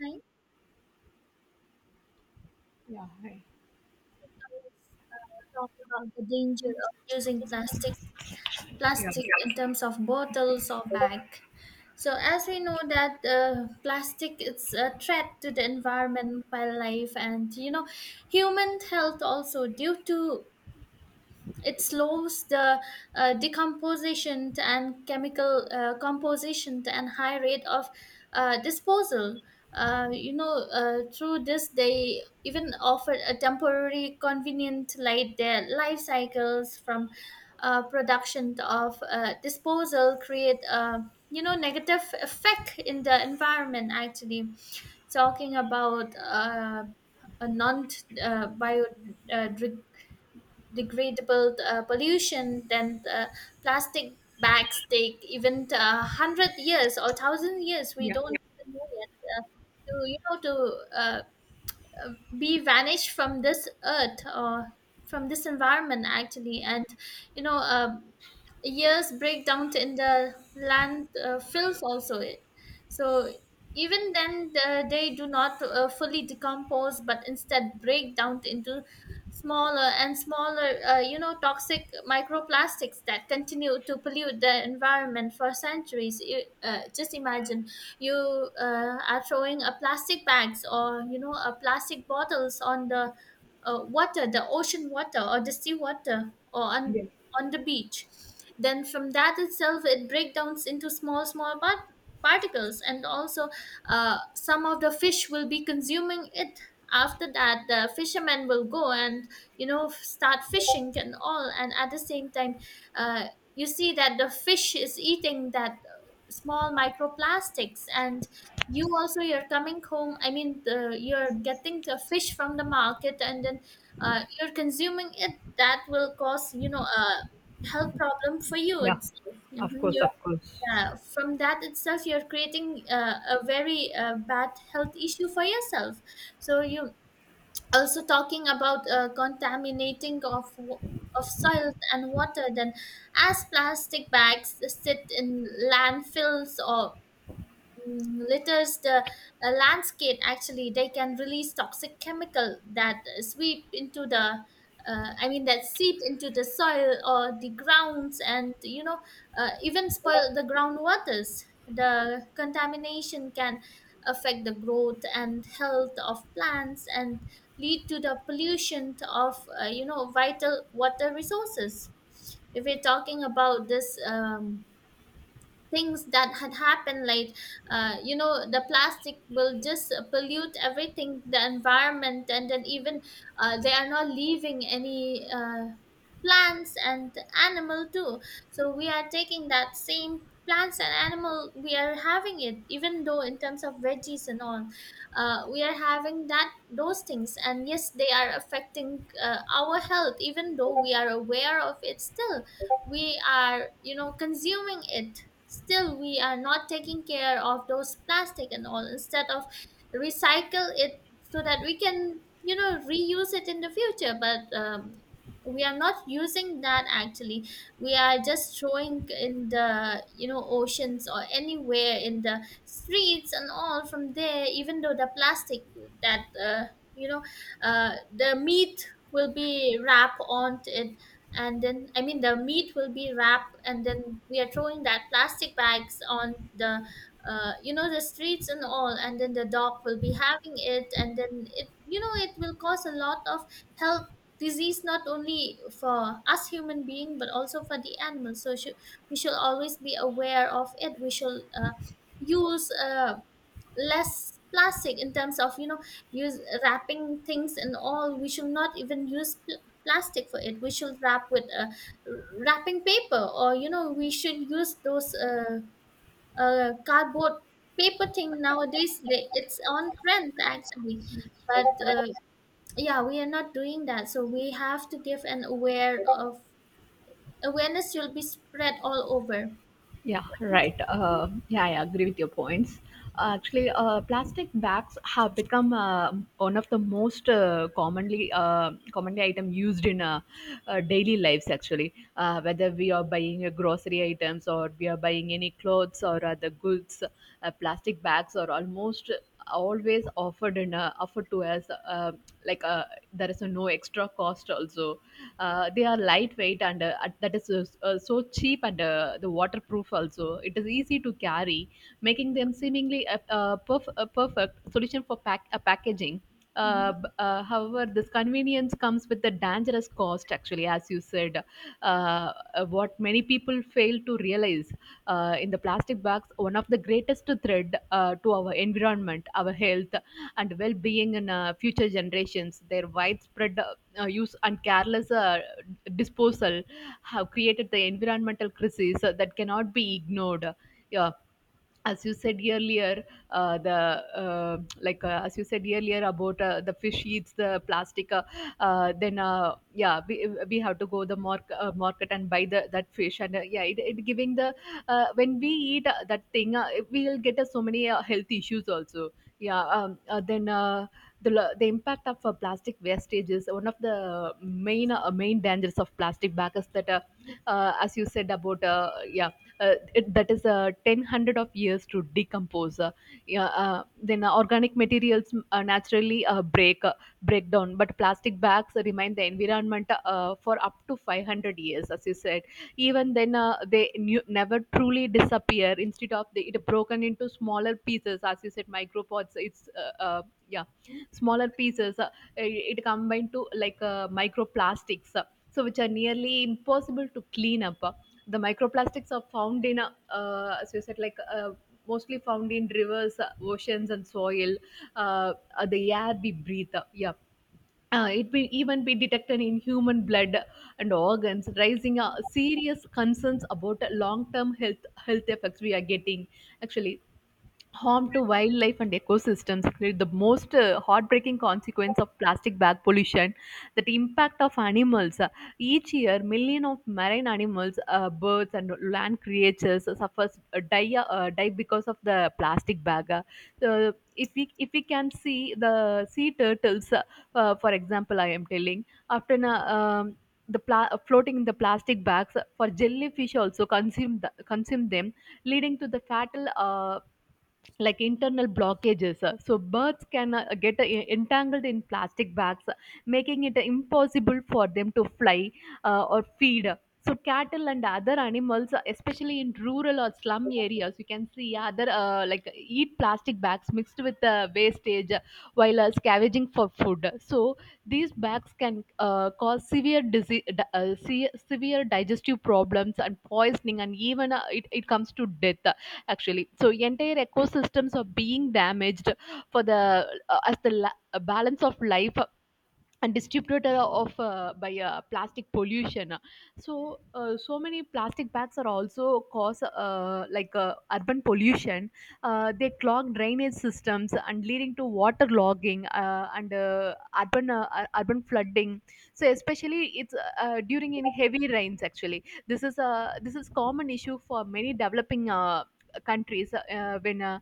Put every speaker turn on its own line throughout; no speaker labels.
Right?
Yeah, hi.
So let's talk about the danger of using plastic
Yeah,
plastic in terms of bottles or bag. So as we know that plastic is a threat to the environment, wildlife, and human health also due to it slows the decomposition and chemical composition and high rate of disposal. Through this, they even offer a temporary, convenient, like their life cycles from production of disposal create a negative effect in the environment. Actually, talking about a non biodegradable degradable pollution, then the plastic bags take even 100 years or 1,000 years, we
yeah,
don't even know yet, to uh, be vanished from this earth or from this environment actually. And you know uh, years break down in the land fills also. It so even then they do not fully decompose, but instead break down into smaller and smaller toxic microplastics that continue to pollute the environment for centuries. Just imagine you are throwing a plastic bags or a plastic bottles on the water, the ocean water or the sea water, or
yeah,
on the beach, then from that itself it breaks down into small small particles, and also some of the fish will be consuming it. After that, the fishermen will go and start fishing and all, and at the same time uh, you see that the fish is eating that small microplastics, and you also you're coming home, you're getting the fish from the market, and then you're consuming it. That will cause a health problem for you
yeah.
itself.
Of
Mhm.
course, of course.
Yeah, from that itself you're creating a very bad health issue for yourself. So you also talking about contaminating of of soil and water, then as plastic bags sit in landfills or mm, litters the landscape, actually they can release toxic chemical that sweep into the that seep into the soil or the grounds, and even spoil the groundwaters. The contamination can affect the growth and health of plants and lead to the pollution of vital water resources. If we're talking about this things that had happened, like the plastic will just pollute everything, the environment, and then even they are not leaving any plants and animal too. So we are taking that same plants and animal, we are having it, even though in terms of veggies and all we are having that those things, and yes, they are affecting our health. Even though we are aware of it, still we are consuming it. Still we are not taking care of those plastic and all, instead of recycle it so that we can reuse it in the future. But we are not using that actually. We are just throwing in the oceans or anywhere in the streets and all. From there, even though the plastic that you know the meat will be wrapped on it, and then I mean the meat will be wrapped and then we are throwing that plastic bags on the the streets and all, and then the dog will be having it, and then it it will cause a lot of health disease, not only for us human being but also for the animals. We should always be aware of it. We should use less plastic in terms of use wrapping things and all. We should not even use plastic for it. We should wrap with wrapping paper, or we should use those cardboard paper thing. Nowadays it's on trend actually, but yeah, we are not doing that, so we have to give an aware of awareness will be spread all over.
Yeah, right. Yeah, I agree with your points. Actually, plastic bags have become one of the most commonly item used in daily lives. Actually, whether we are buying grocery items or we are buying any clothes or other goods, plastic bags are almost always offered in offered to us like uh, there is a no extra cost also. They are lightweight and that is so cheap and the waterproof also it is easy to carry, making them seemingly a perfect solution for a packaging. uh,
Mhm.
b- uh, however, this convenience comes with a dangerous cost, actually, as you said. What many people fail to realize, in the plastic bags, one of the greatest threat to our environment, our health, and well being in future generations. Their widespread use and careless disposal have created the environmental crisis that cannot be ignored. Yeah, as you said earlier, the like as you said earlier about the fish eats the plastic. Then Yeah, we have to go the market and buy the that fish and yeah it giving the, when we eat that thing, we will get so many health issues also. Yeah um, uh, then uh, the, lo- the impact of plastic wastage is one of the main main dangers of plastic bags. That As you said about, yeah, that is 10 hundred of years to decompose. Yeah, then Organic materials naturally break down, but plastic bags remain the environment for up to 500 years as you said. Even then, they knew, never truly disappear. Instead of they, it broken into smaller pieces, as you said, micropods. It's yeah Smaller pieces, it combined to like microplastics, so which are nearly impossible to clean up. The microplastics are found in, as you said, like, mostly found in rivers, oceans and soil, the air we breathe. Yeah, it will even be detected in human blood and organs, raising serious concerns about long-term health effects we are getting. Actually, harm to wildlife and ecosystems create the most heartbreaking consequence of plastic bag pollution, that impact of animals. Each year, million of marine animals, birds and land creatures suffers die die because of the plastic bag. So if we can see the sea turtles, for example I am telling, after na- the pla- floating in the plastic bags, for jellyfish also consume them, leading to the fatal, like internal blockages. So birds can get entangled in plastic bags, making it impossible for them to fly or feed. So cattle and other animals, especially in rural or slum areas, you can see other like eat plastic bags mixed with wastage, while scavenging for food. So these bags can cause severe disease, severe digestive problems and poisoning, and even it comes to death actually. So entire ecosystems are being damaged for the, balance of life and distributor of, by plastic pollution. So many plastic bags are also cause, like urban pollution. They clog drainage systems and leading to water logging, and urban urban flooding. So especially it's during any heavy rains. Actually, this is a, this is common issue for many developing countries, when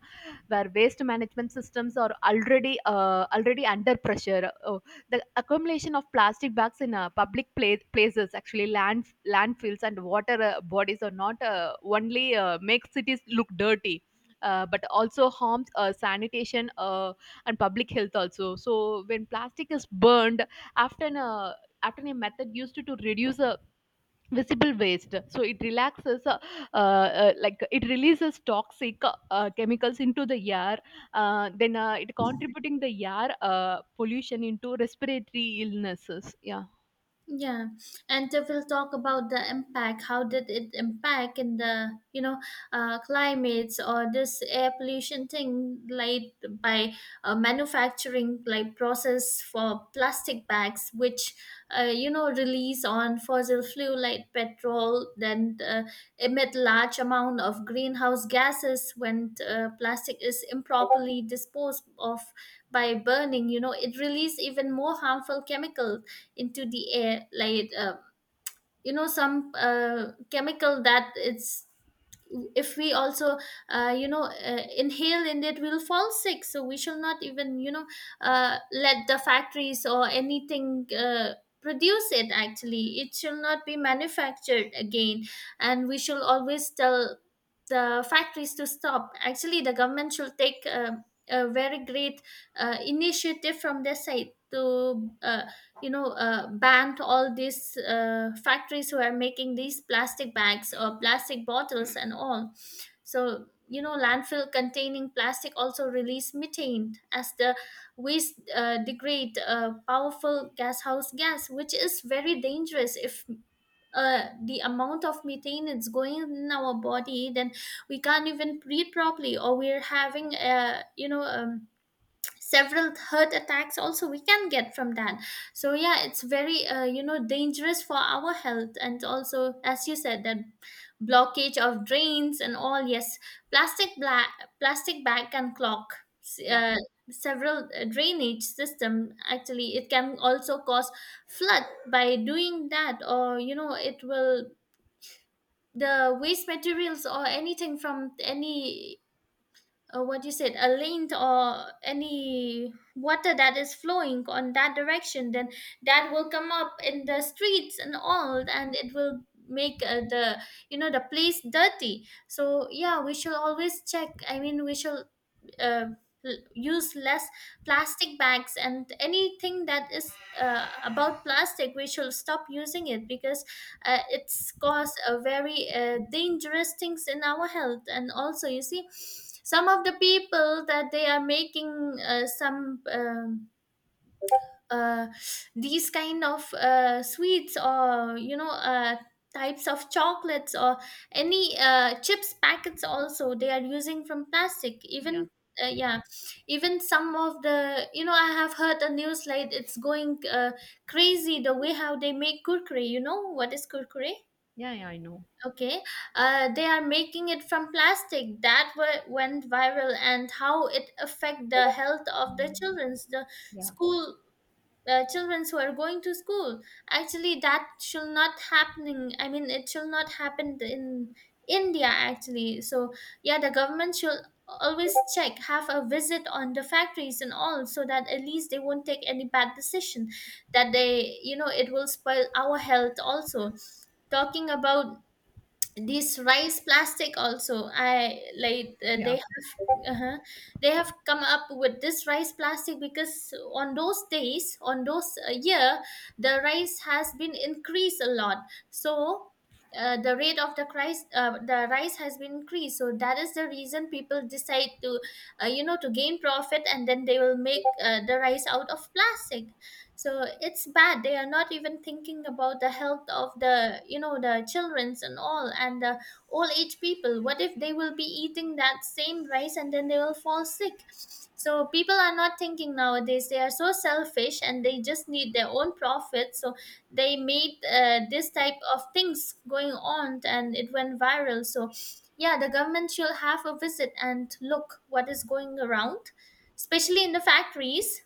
where waste management systems are already under pressure. The accumulation of plastic bags in places, actually landfills and water bodies, are not only make cities look dirty, but also harms sanitation and public health also. So when plastic is burned, after an uh, after a method used to reduce the visible waste, so it relaxes, uh, it releases toxic chemicals into the air, then it contributing the air pollution into respiratory illnesses. Yeah,
Yeah, and we'll talk about the impact. How did it impact in the climates or this air pollution thing, like by manufacturing like process for plastic bags, which release on fossil fuel like petrol, then emit large amount of greenhouse gases. When plastic is improperly disposed of by burning, you know, it release even more harmful chemicals into the air, like some chemical that it's if we also inhale in it, we'll fall sick. So we shall not even let the factories or anything produce it. Actually it shall not be manufactured again, and we shall always tell the factories to stop. Actually, the government should take a very great initiative from their side to banned all these factories who are making these plastic bags or plastic bottles and all. So you know, landfill containing plastic also release methane as the waste degrade, a powerful gas which is very dangerous. If the amount of methane is going in our body, then we can't even breathe properly, or we're having a several third attacks also we can get from that. So yeah, it's very dangerous for our health. And also, as you said, that blockage of drains and all, yes, plastic black plastic bag can clog s-
yeah,
uh, several drainage system. Actually, it can also cause flood by doing that. Or you know, it will the waste materials or anything from any what you said, a lint or any water that is flowing on that direction, then that will come up in the streets and all, and it will make the the place dirty. So yeah, we should always check. I mean we should uh, use less plastic bags and anything that is about plastic. We should stop using it, because it's caused a very dangerous things in our health. And also, you see, some of the people that they are making some uh, these kind of sweets, or types of chocolates or any chips packets also, they are using from plastic
yeah,
even yeah, even some of the you know, I have heard a news like it's going crazy the way how they make kurkure. You know what is kurkure? Okay, they are making it from plastic. That went viral, and how it affect the health of the children's, the school children who are going to school. Actually, that shall not happening. I mean, it shall not happen in india actually. So yeah, the government should always check, have a visit on the factories and all, so that at least they won't take any bad decision, that they you know, it will spoil our health also. Talking about these rice plastic also, I like
yeah.
they have come up with this rice plastic, because on those days, on those year, the rice has been increased a lot. So the rate of the price the rice has been increased, so that is the reason people decide to to gain profit, and then they will make the rice out of plastic. So it's bad, they are not even thinking about the health of the the childrens and all, and the old age people. What if they will be eating that same rice, and then they will fall sick? So people are not thinking nowadays. They are so selfish, and they just need their own profit. So they made this type of things going on, and it went viral. So yeah, the government should have a visit and look what is going around, especially in the factories.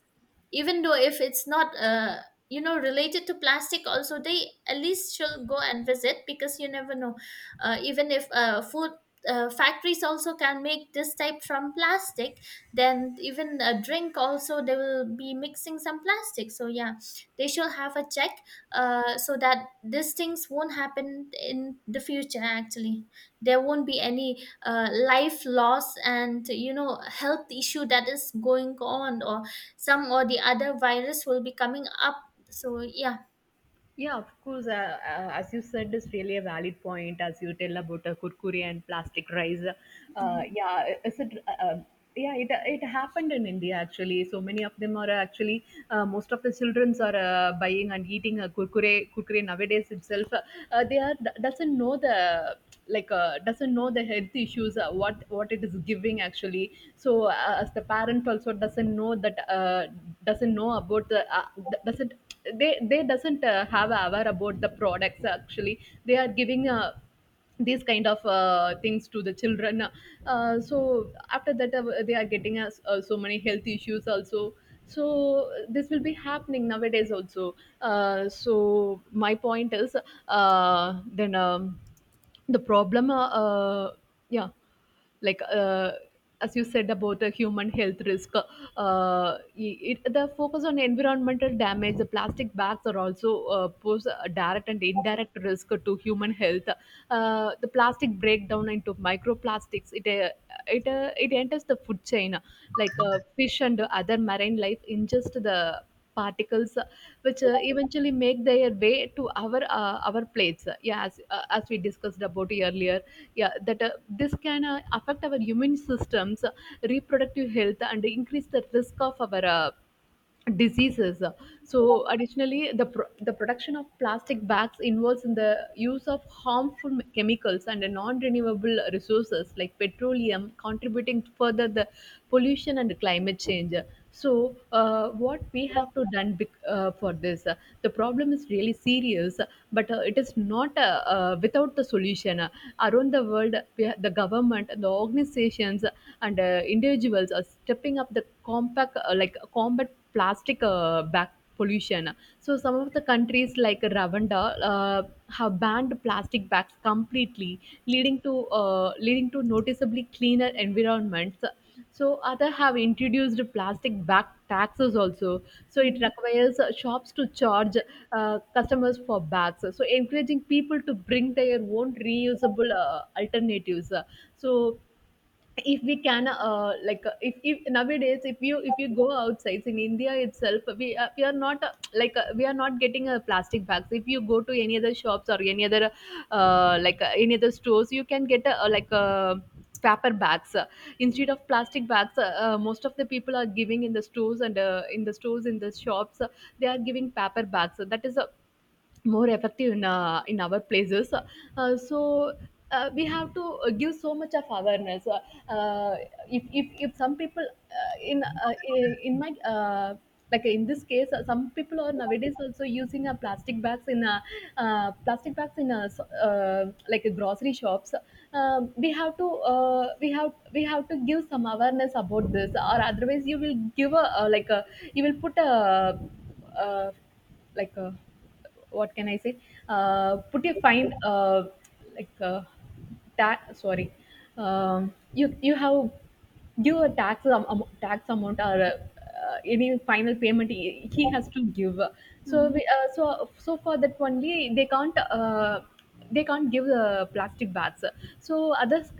Even though if it's not you know, related to plastic also, they at least should go and visit, because you never know, even if food factories also can make this type from plastic, then even a drink also they will be mixing some plastic. So yeah, they should have a check, so that these things won't happen in the future. Actually, there won't be any life loss, and you know, health issue that is going on, or some or the other virus will be coming up. So yeah.
Yeah, of course. As you said, is really a valid point. As you tell about kurkure and plastic rice,
Mhm.
yeah, is it? Yeah, it happened in India actually. So many of them are actually most of the childrens are buying and eating a kurkure nowadays itself. They are, doesn't know the, doesn't know the health issues, what it is giving actually. So as the parent also doesn't know that, doesn't know about the, doesn't, they doesn't have aware about the products actually they are giving, these kind of things to the children. So after that, they are getting us so many health issues also. So this will be happening nowadays also. So my point is, then the problem yeah like as you said about the human health risk. The focus on environmental damage, the plastic bags are also pose a direct and indirect risk to human health. The plastic breakdown into microplastics, it enters the food chain, like fish and other marine life ingest the particles, which eventually make their way to our, our plates. Yeah, as we discussed about earlier, yeah, that this can affect our immune systems, reproductive health, and increase the risk of our diseases. So, additionally, the production of plastic bags involves in the use of harmful chemicals and non-renewable resources like petroleum, contributing to further the pollution and climate change. So, what we have to done, for this? The problem is really serious, but it is not, without the solution. Around the world, the government, the organizations, and individuals are stepping up the compact, combat plastic back pollution. So some of the countries like Rwanda have banned plastic bags completely, leading to, leading to noticeably cleaner environments. So other have introduced plastic bag taxes also. So it
Mhm.
requires shops to charge customers for bags, so encouraging people to bring their own reusable alternatives. So if we can, if nowadays, if you go outside in India itself, we are not, we are not getting a plastic bags. If you go to any other shops or any other, any other stores, you can get a, paper bags. Instead of plastic bags, most of the people are giving in the stores and in the shops, they are giving paper bags. So that is a more effective in our places. Uh, so we have to give so much of awareness. Uh, if, if some people in my like in this case, some people are nowadays also using plastic bags in grocery shops. We have to, we have to give some awareness about this, or otherwise you will give a, uh, like a you will put a, uh, like a what can I say? Put a fine, like uh, tax. Sorry, you you have give a tax tax amount or, any final payment he has to give. So
Mhm.
we, so so for that only they can't. They can't give plastic bags, so others,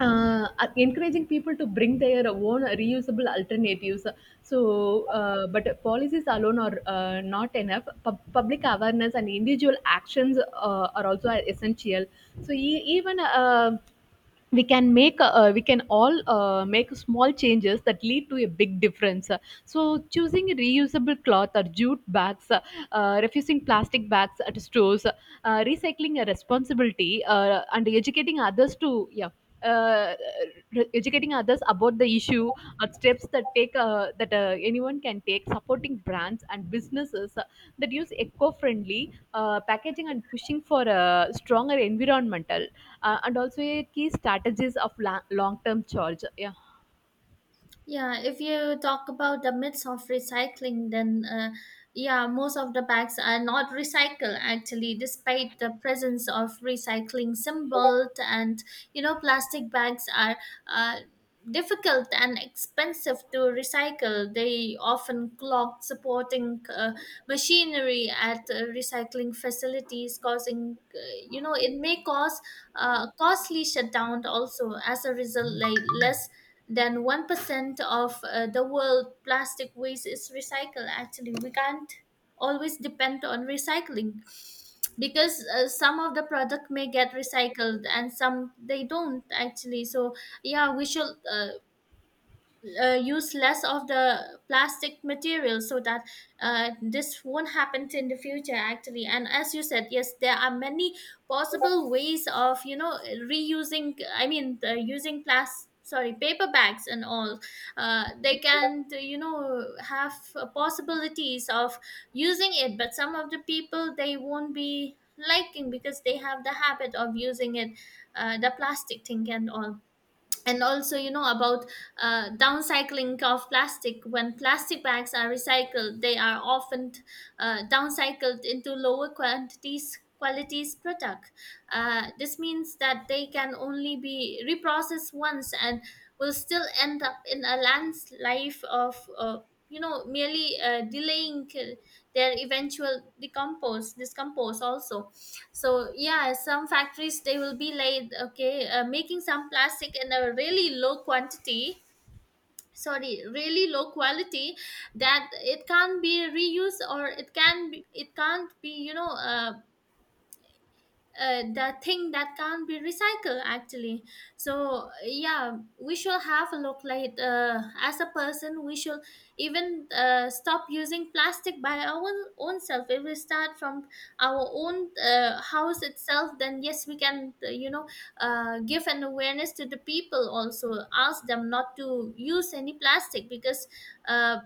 encouraging people to bring their own reusable alternatives. So, but policies alone are not enough. Public awareness and individual actions are also essential. So, even we can make, we can all make small changes that lead to a big difference, so choosing reusable cloth or jute bags, refusing plastic bags at stores, recycling a responsibility, and educating others to, yeah, uh, educating others about the issue, or steps that take, that anyone can take, supporting brands and businesses that use eco-friendly packaging, and pushing for a stronger environmental, and also a key strategies of long-term charge. Yeah.
Yeah, if you talk about the myths of recycling, then yeah, most of the bags are not recycled actually, despite the presence of recycling symbols. And you know, plastic bags are uh, difficult and expensive to recycle. They often clog supporting machinery at recycling facilities, causing it may cause costly shutdown also. As a result, like less than 1% of the world plastic waste is recycled actually. We can't always depend on recycling because some of the product may get recycled and some they don't actually. So yeah, we should use less of the plastic material so that this won't happen in the future actually. And as you said, yes, there are many possible ways of reusing I mean the using plastic, sorry, paper bags and all. They can, you know, have possibilities of using it, but some of the people they won't be liking because they have the habit of using it, the plastic thing and all. And also, you know, about downcycling of plastic. When plastic bags are recycled, they are often downcycled into lower quantities, qualities product. This means that they can only be reprocessed once and will still end up in a land's life of, you know, merely delaying their eventual decompose, discompose also. So yeah, some factories, they will be like okay, making some plastic in a really low quantity, sorry, really low quality, that it can't be reused or it can be, it can't be, the thing that can't be recycled actually. So yeah, we should have a look like, as a person we should even stop using plastic by our own self. If we start from our own house itself, then yes, we can, give an awareness to the people, also ask them not to use any plastic because uh,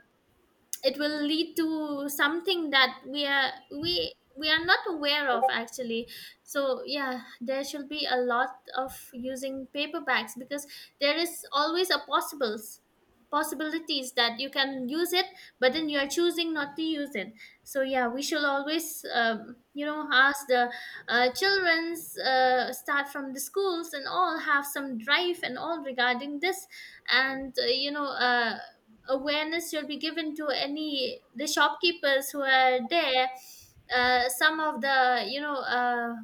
it will lead to something that we are, we are not aware of actually. So yeah, there should be a lot of using paper bags because there is always a possibles possibilities that you can use it, but then you are choosing not to use it. So yeah, we should always you know, ask the children's, start from the schools and all, have some drive and all regarding this. And awareness should be given to any the shopkeepers who are there. Some of the, you know,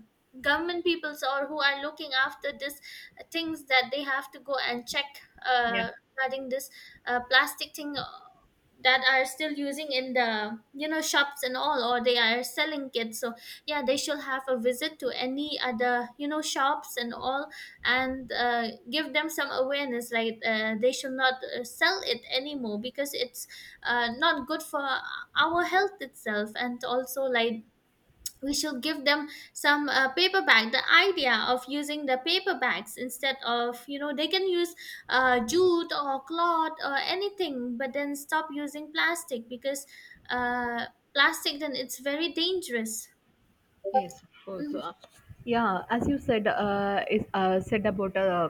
government peoples or who are looking after this things, that they have to go and check
Yeah.
uh, regarding this plastic thing, that are still using in the, you know, shops and all, or they are selling it. So yeah, they should have a visit to any other, you know, shops and all, and give them some awareness like, they should not sell it anymore because it's not good for our health itself. And also, like, we should give them some, paper bag, the idea of using the paper bags, instead of, you know, they can use jute or cloth or anything, but then stop using plastic because, uh, plastic then it's very dangerous.
Yes, of course.
Mhm,
Yeah, as you said, is, said about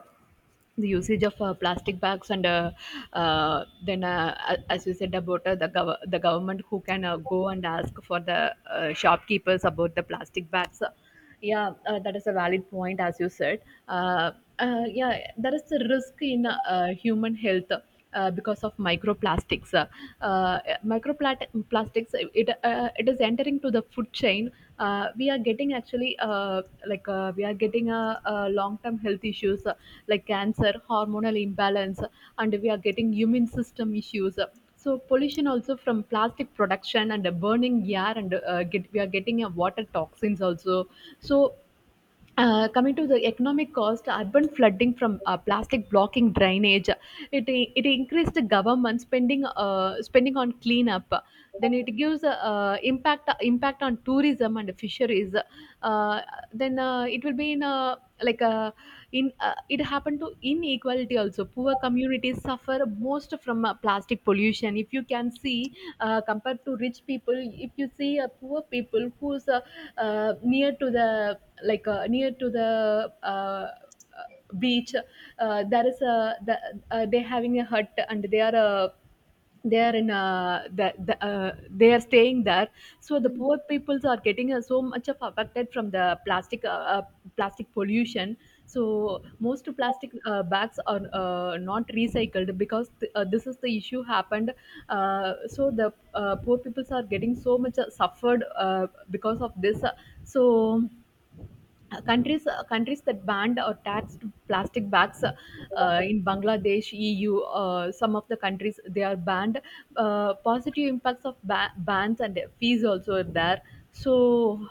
the usage of plastic bags, and as you said about the the government who can go and ask for the shopkeepers about the plastic bags. Yeah, that is a valid point as you said. uh, yeah, there is a risk in human health because of uh, microplastics. It is entering to the food chain. We are getting actually, we are getting long-term health issues, like cancer, hormonal imbalance, and we are getting immune system issues. So pollution also from plastic production and burning air, and get we are getting a water toxins also. So, coming to the economic cost, urban flooding from plastic blocking drainage, it increased the government spending, spending on cleanup. Then it gives impact on tourism and fisheries. Uh, then It will be in a, like a, in it happened to inequality also. Poor communities suffer most from plastic pollution. If you can see, compared to rich people, if you see poor people who's near to the, near to the beach, there is a they having a hut and they are in they are staying there. So the
mhm.
poor peoples are getting so much of affected from the uh, plastic pollution. So most plastic bags are not recycled because this is the issue happened. So the poor peoples are getting so much suffered, because of this. So, countries that banned or taxed plastic bags, in Bangladesh, EU, some of the countries they are banned. Positive impacts of bans and fees also are there. So,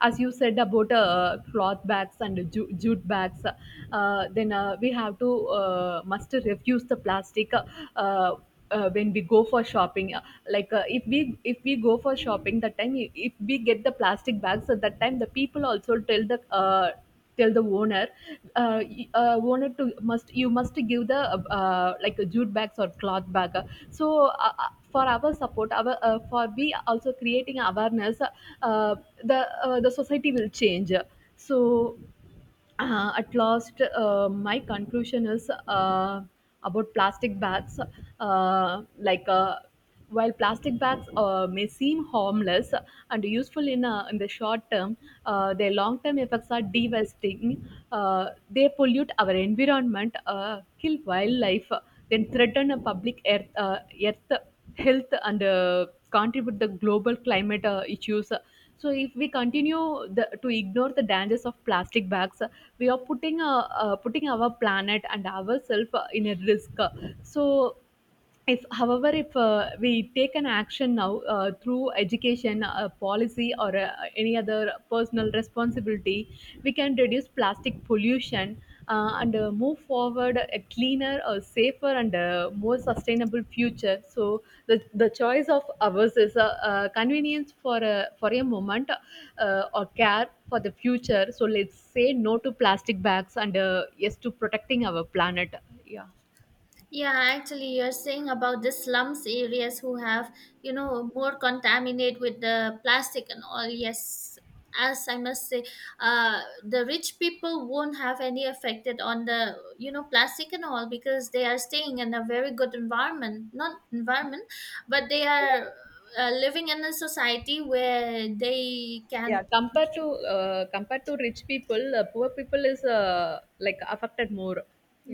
as you said about cloth bags and jute bags, then we have to must refuse the plastic uh, when we go for shopping. If we go for shopping, that time, if we get the plastic bags, at that time the people also tell the, tell the owner, owner to must, you must give the like a jute bags or cloth bag. So, for our support, our for we also creating awareness, the the society will change. So, at last, my conclusion is, about plastic bags, uh, like uh, while plastic bags may seem harmless and useful in the short term, their long term effects are devastating. They pollute our environment, kill wildlife, then threaten a public earth, earth health, and contribute the global climate issues. So if we continue to ignore the dangers of plastic bags, we are putting our planet and ourselves in a risk. So if however if we take an action now, through education, policy, or any other personal responsibility, we can reduce plastic pollution, and move forward a cleaner, a safer, and more sustainable future. So the choice of ours is a, convenience for a moment, or care for the future. So let's say no to plastic bags and yes to protecting our planet. Yeah.
Yeah, actually, you're saying about the slums areas who have, you know, more contaminate with the plastic and all. Yes, as I must say, the rich people won't have any affected on the, you know, plastic and all because they are staying in a very good environment, not environment, but they are living in a society where they can.
Yeah, compared to compared to rich people, poor people is, like affected more.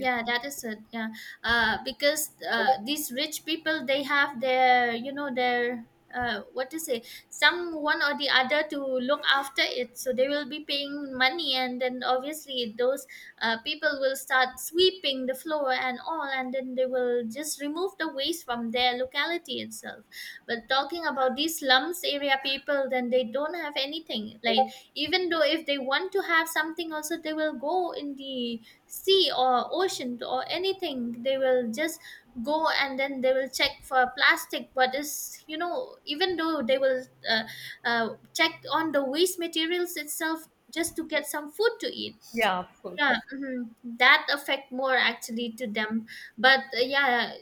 Yeah.
that is it. Yeah, because these rich people, they have their, you know, their what to say, someone or the other to look after it. So they will be paying money, and then obviously those people will start sweeping the floor and all, and then they will just remove the waste from their locality itself. But talking about these slums area people, then they don't have anything. Like, even though if they want to have something, also they will go in the sea or ocean or anything, they will just go and then they will check for plastic, what is, you know, even though they will uh, check on the waste materials itself, just to get some food to eat.
Yeah, of
Yeah,
course.
mhm. That affect more actually to them. But yeah,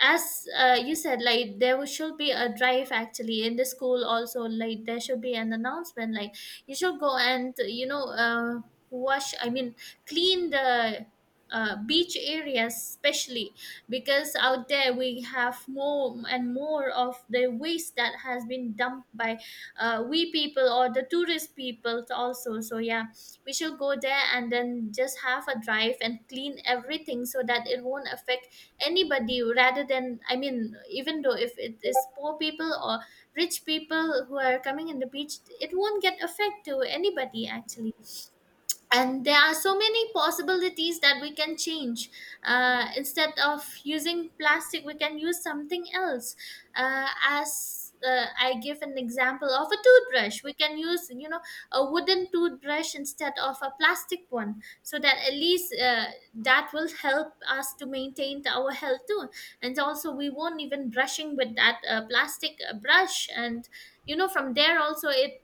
as you said, like there will- should be a drive actually in the school also. Like there should be an announcement like, you should go and, you know, wash I mean clean the beach areas, especially because out there we have more and more of the waste that has been dumped by we people or the tourist people also. So yeah, we should go there and then just have a drive and clean everything, so that it won't affect anybody, rather than, I mean, even though if it is poor people or rich people who are coming in the beach, it won't get affect to anybody actually. And there are so many possibilities that we can change. Instead of using plastic, we can use something else. As I give an example of a toothbrush. We can use, you know, a wooden toothbrush instead of a plastic one, so that at least that will help us to maintain our health too. And also, we won't even brushing with that plastic brush, and you know, from there also it,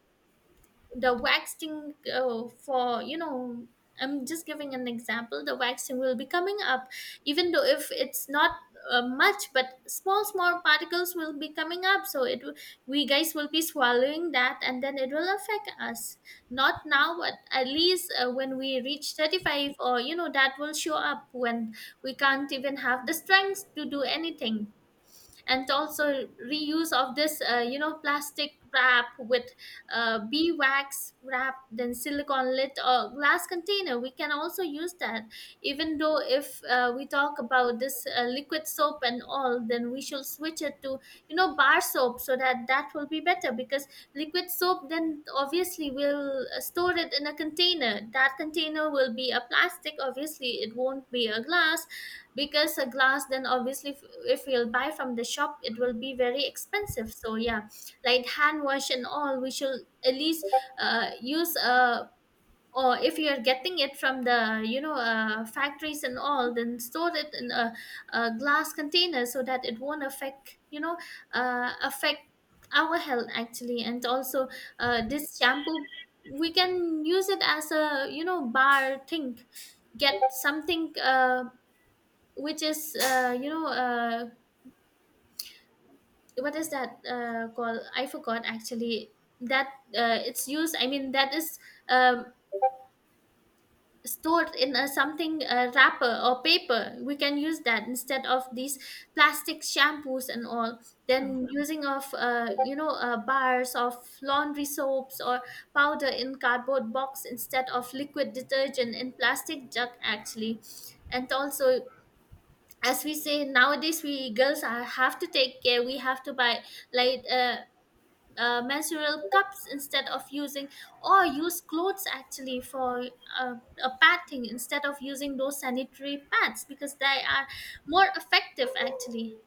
the waxing, for, you know, I'm just giving an example, the waxing will be coming up. Even though if it's not much, but small small particles will be coming up, so it will- we guys will be swallowing that and then it will affect us. Not now, but at least when we reach 35 or, you know, that will show up when we can't even have the strength to do anything. And also reuse of this, you know, plastic wrap with bee wax wrap, then silicone lid or glass container, we can also use that. Even though if we talk about this liquid soap and all, then we should switch it to, you know, bar soap, so that that will be better because liquid soap, then obviously will store it in a container, that container will be a plastic obviously, it won't be a glass. Because a glass, then obviously if we'll buy from the shop, it will be very expensive. So yeah, like hand wash and all, we should at least use or if you are getting it from the, you know, factories and all, then store it in a glass container, so that it won't affect, you know, affect our health actually. And also, this shampoo, we can use it as a, you know, bar thing. Get something, which is, what is that called, I forgot actually, that it's used, I mean that is um, stored in a something wrapper or paper, we can use that instead of these plastic shampoos and all. Then using of, bars of laundry soaps or powder in cardboard box instead of liquid detergent in plastic jug actually. And also, as we say, nowadays we girls are, have to take care, we have to buy like menstrual cups instead of using, or use clothes actually for uh, a padding instead of using those sanitary pads because they are more effective actually.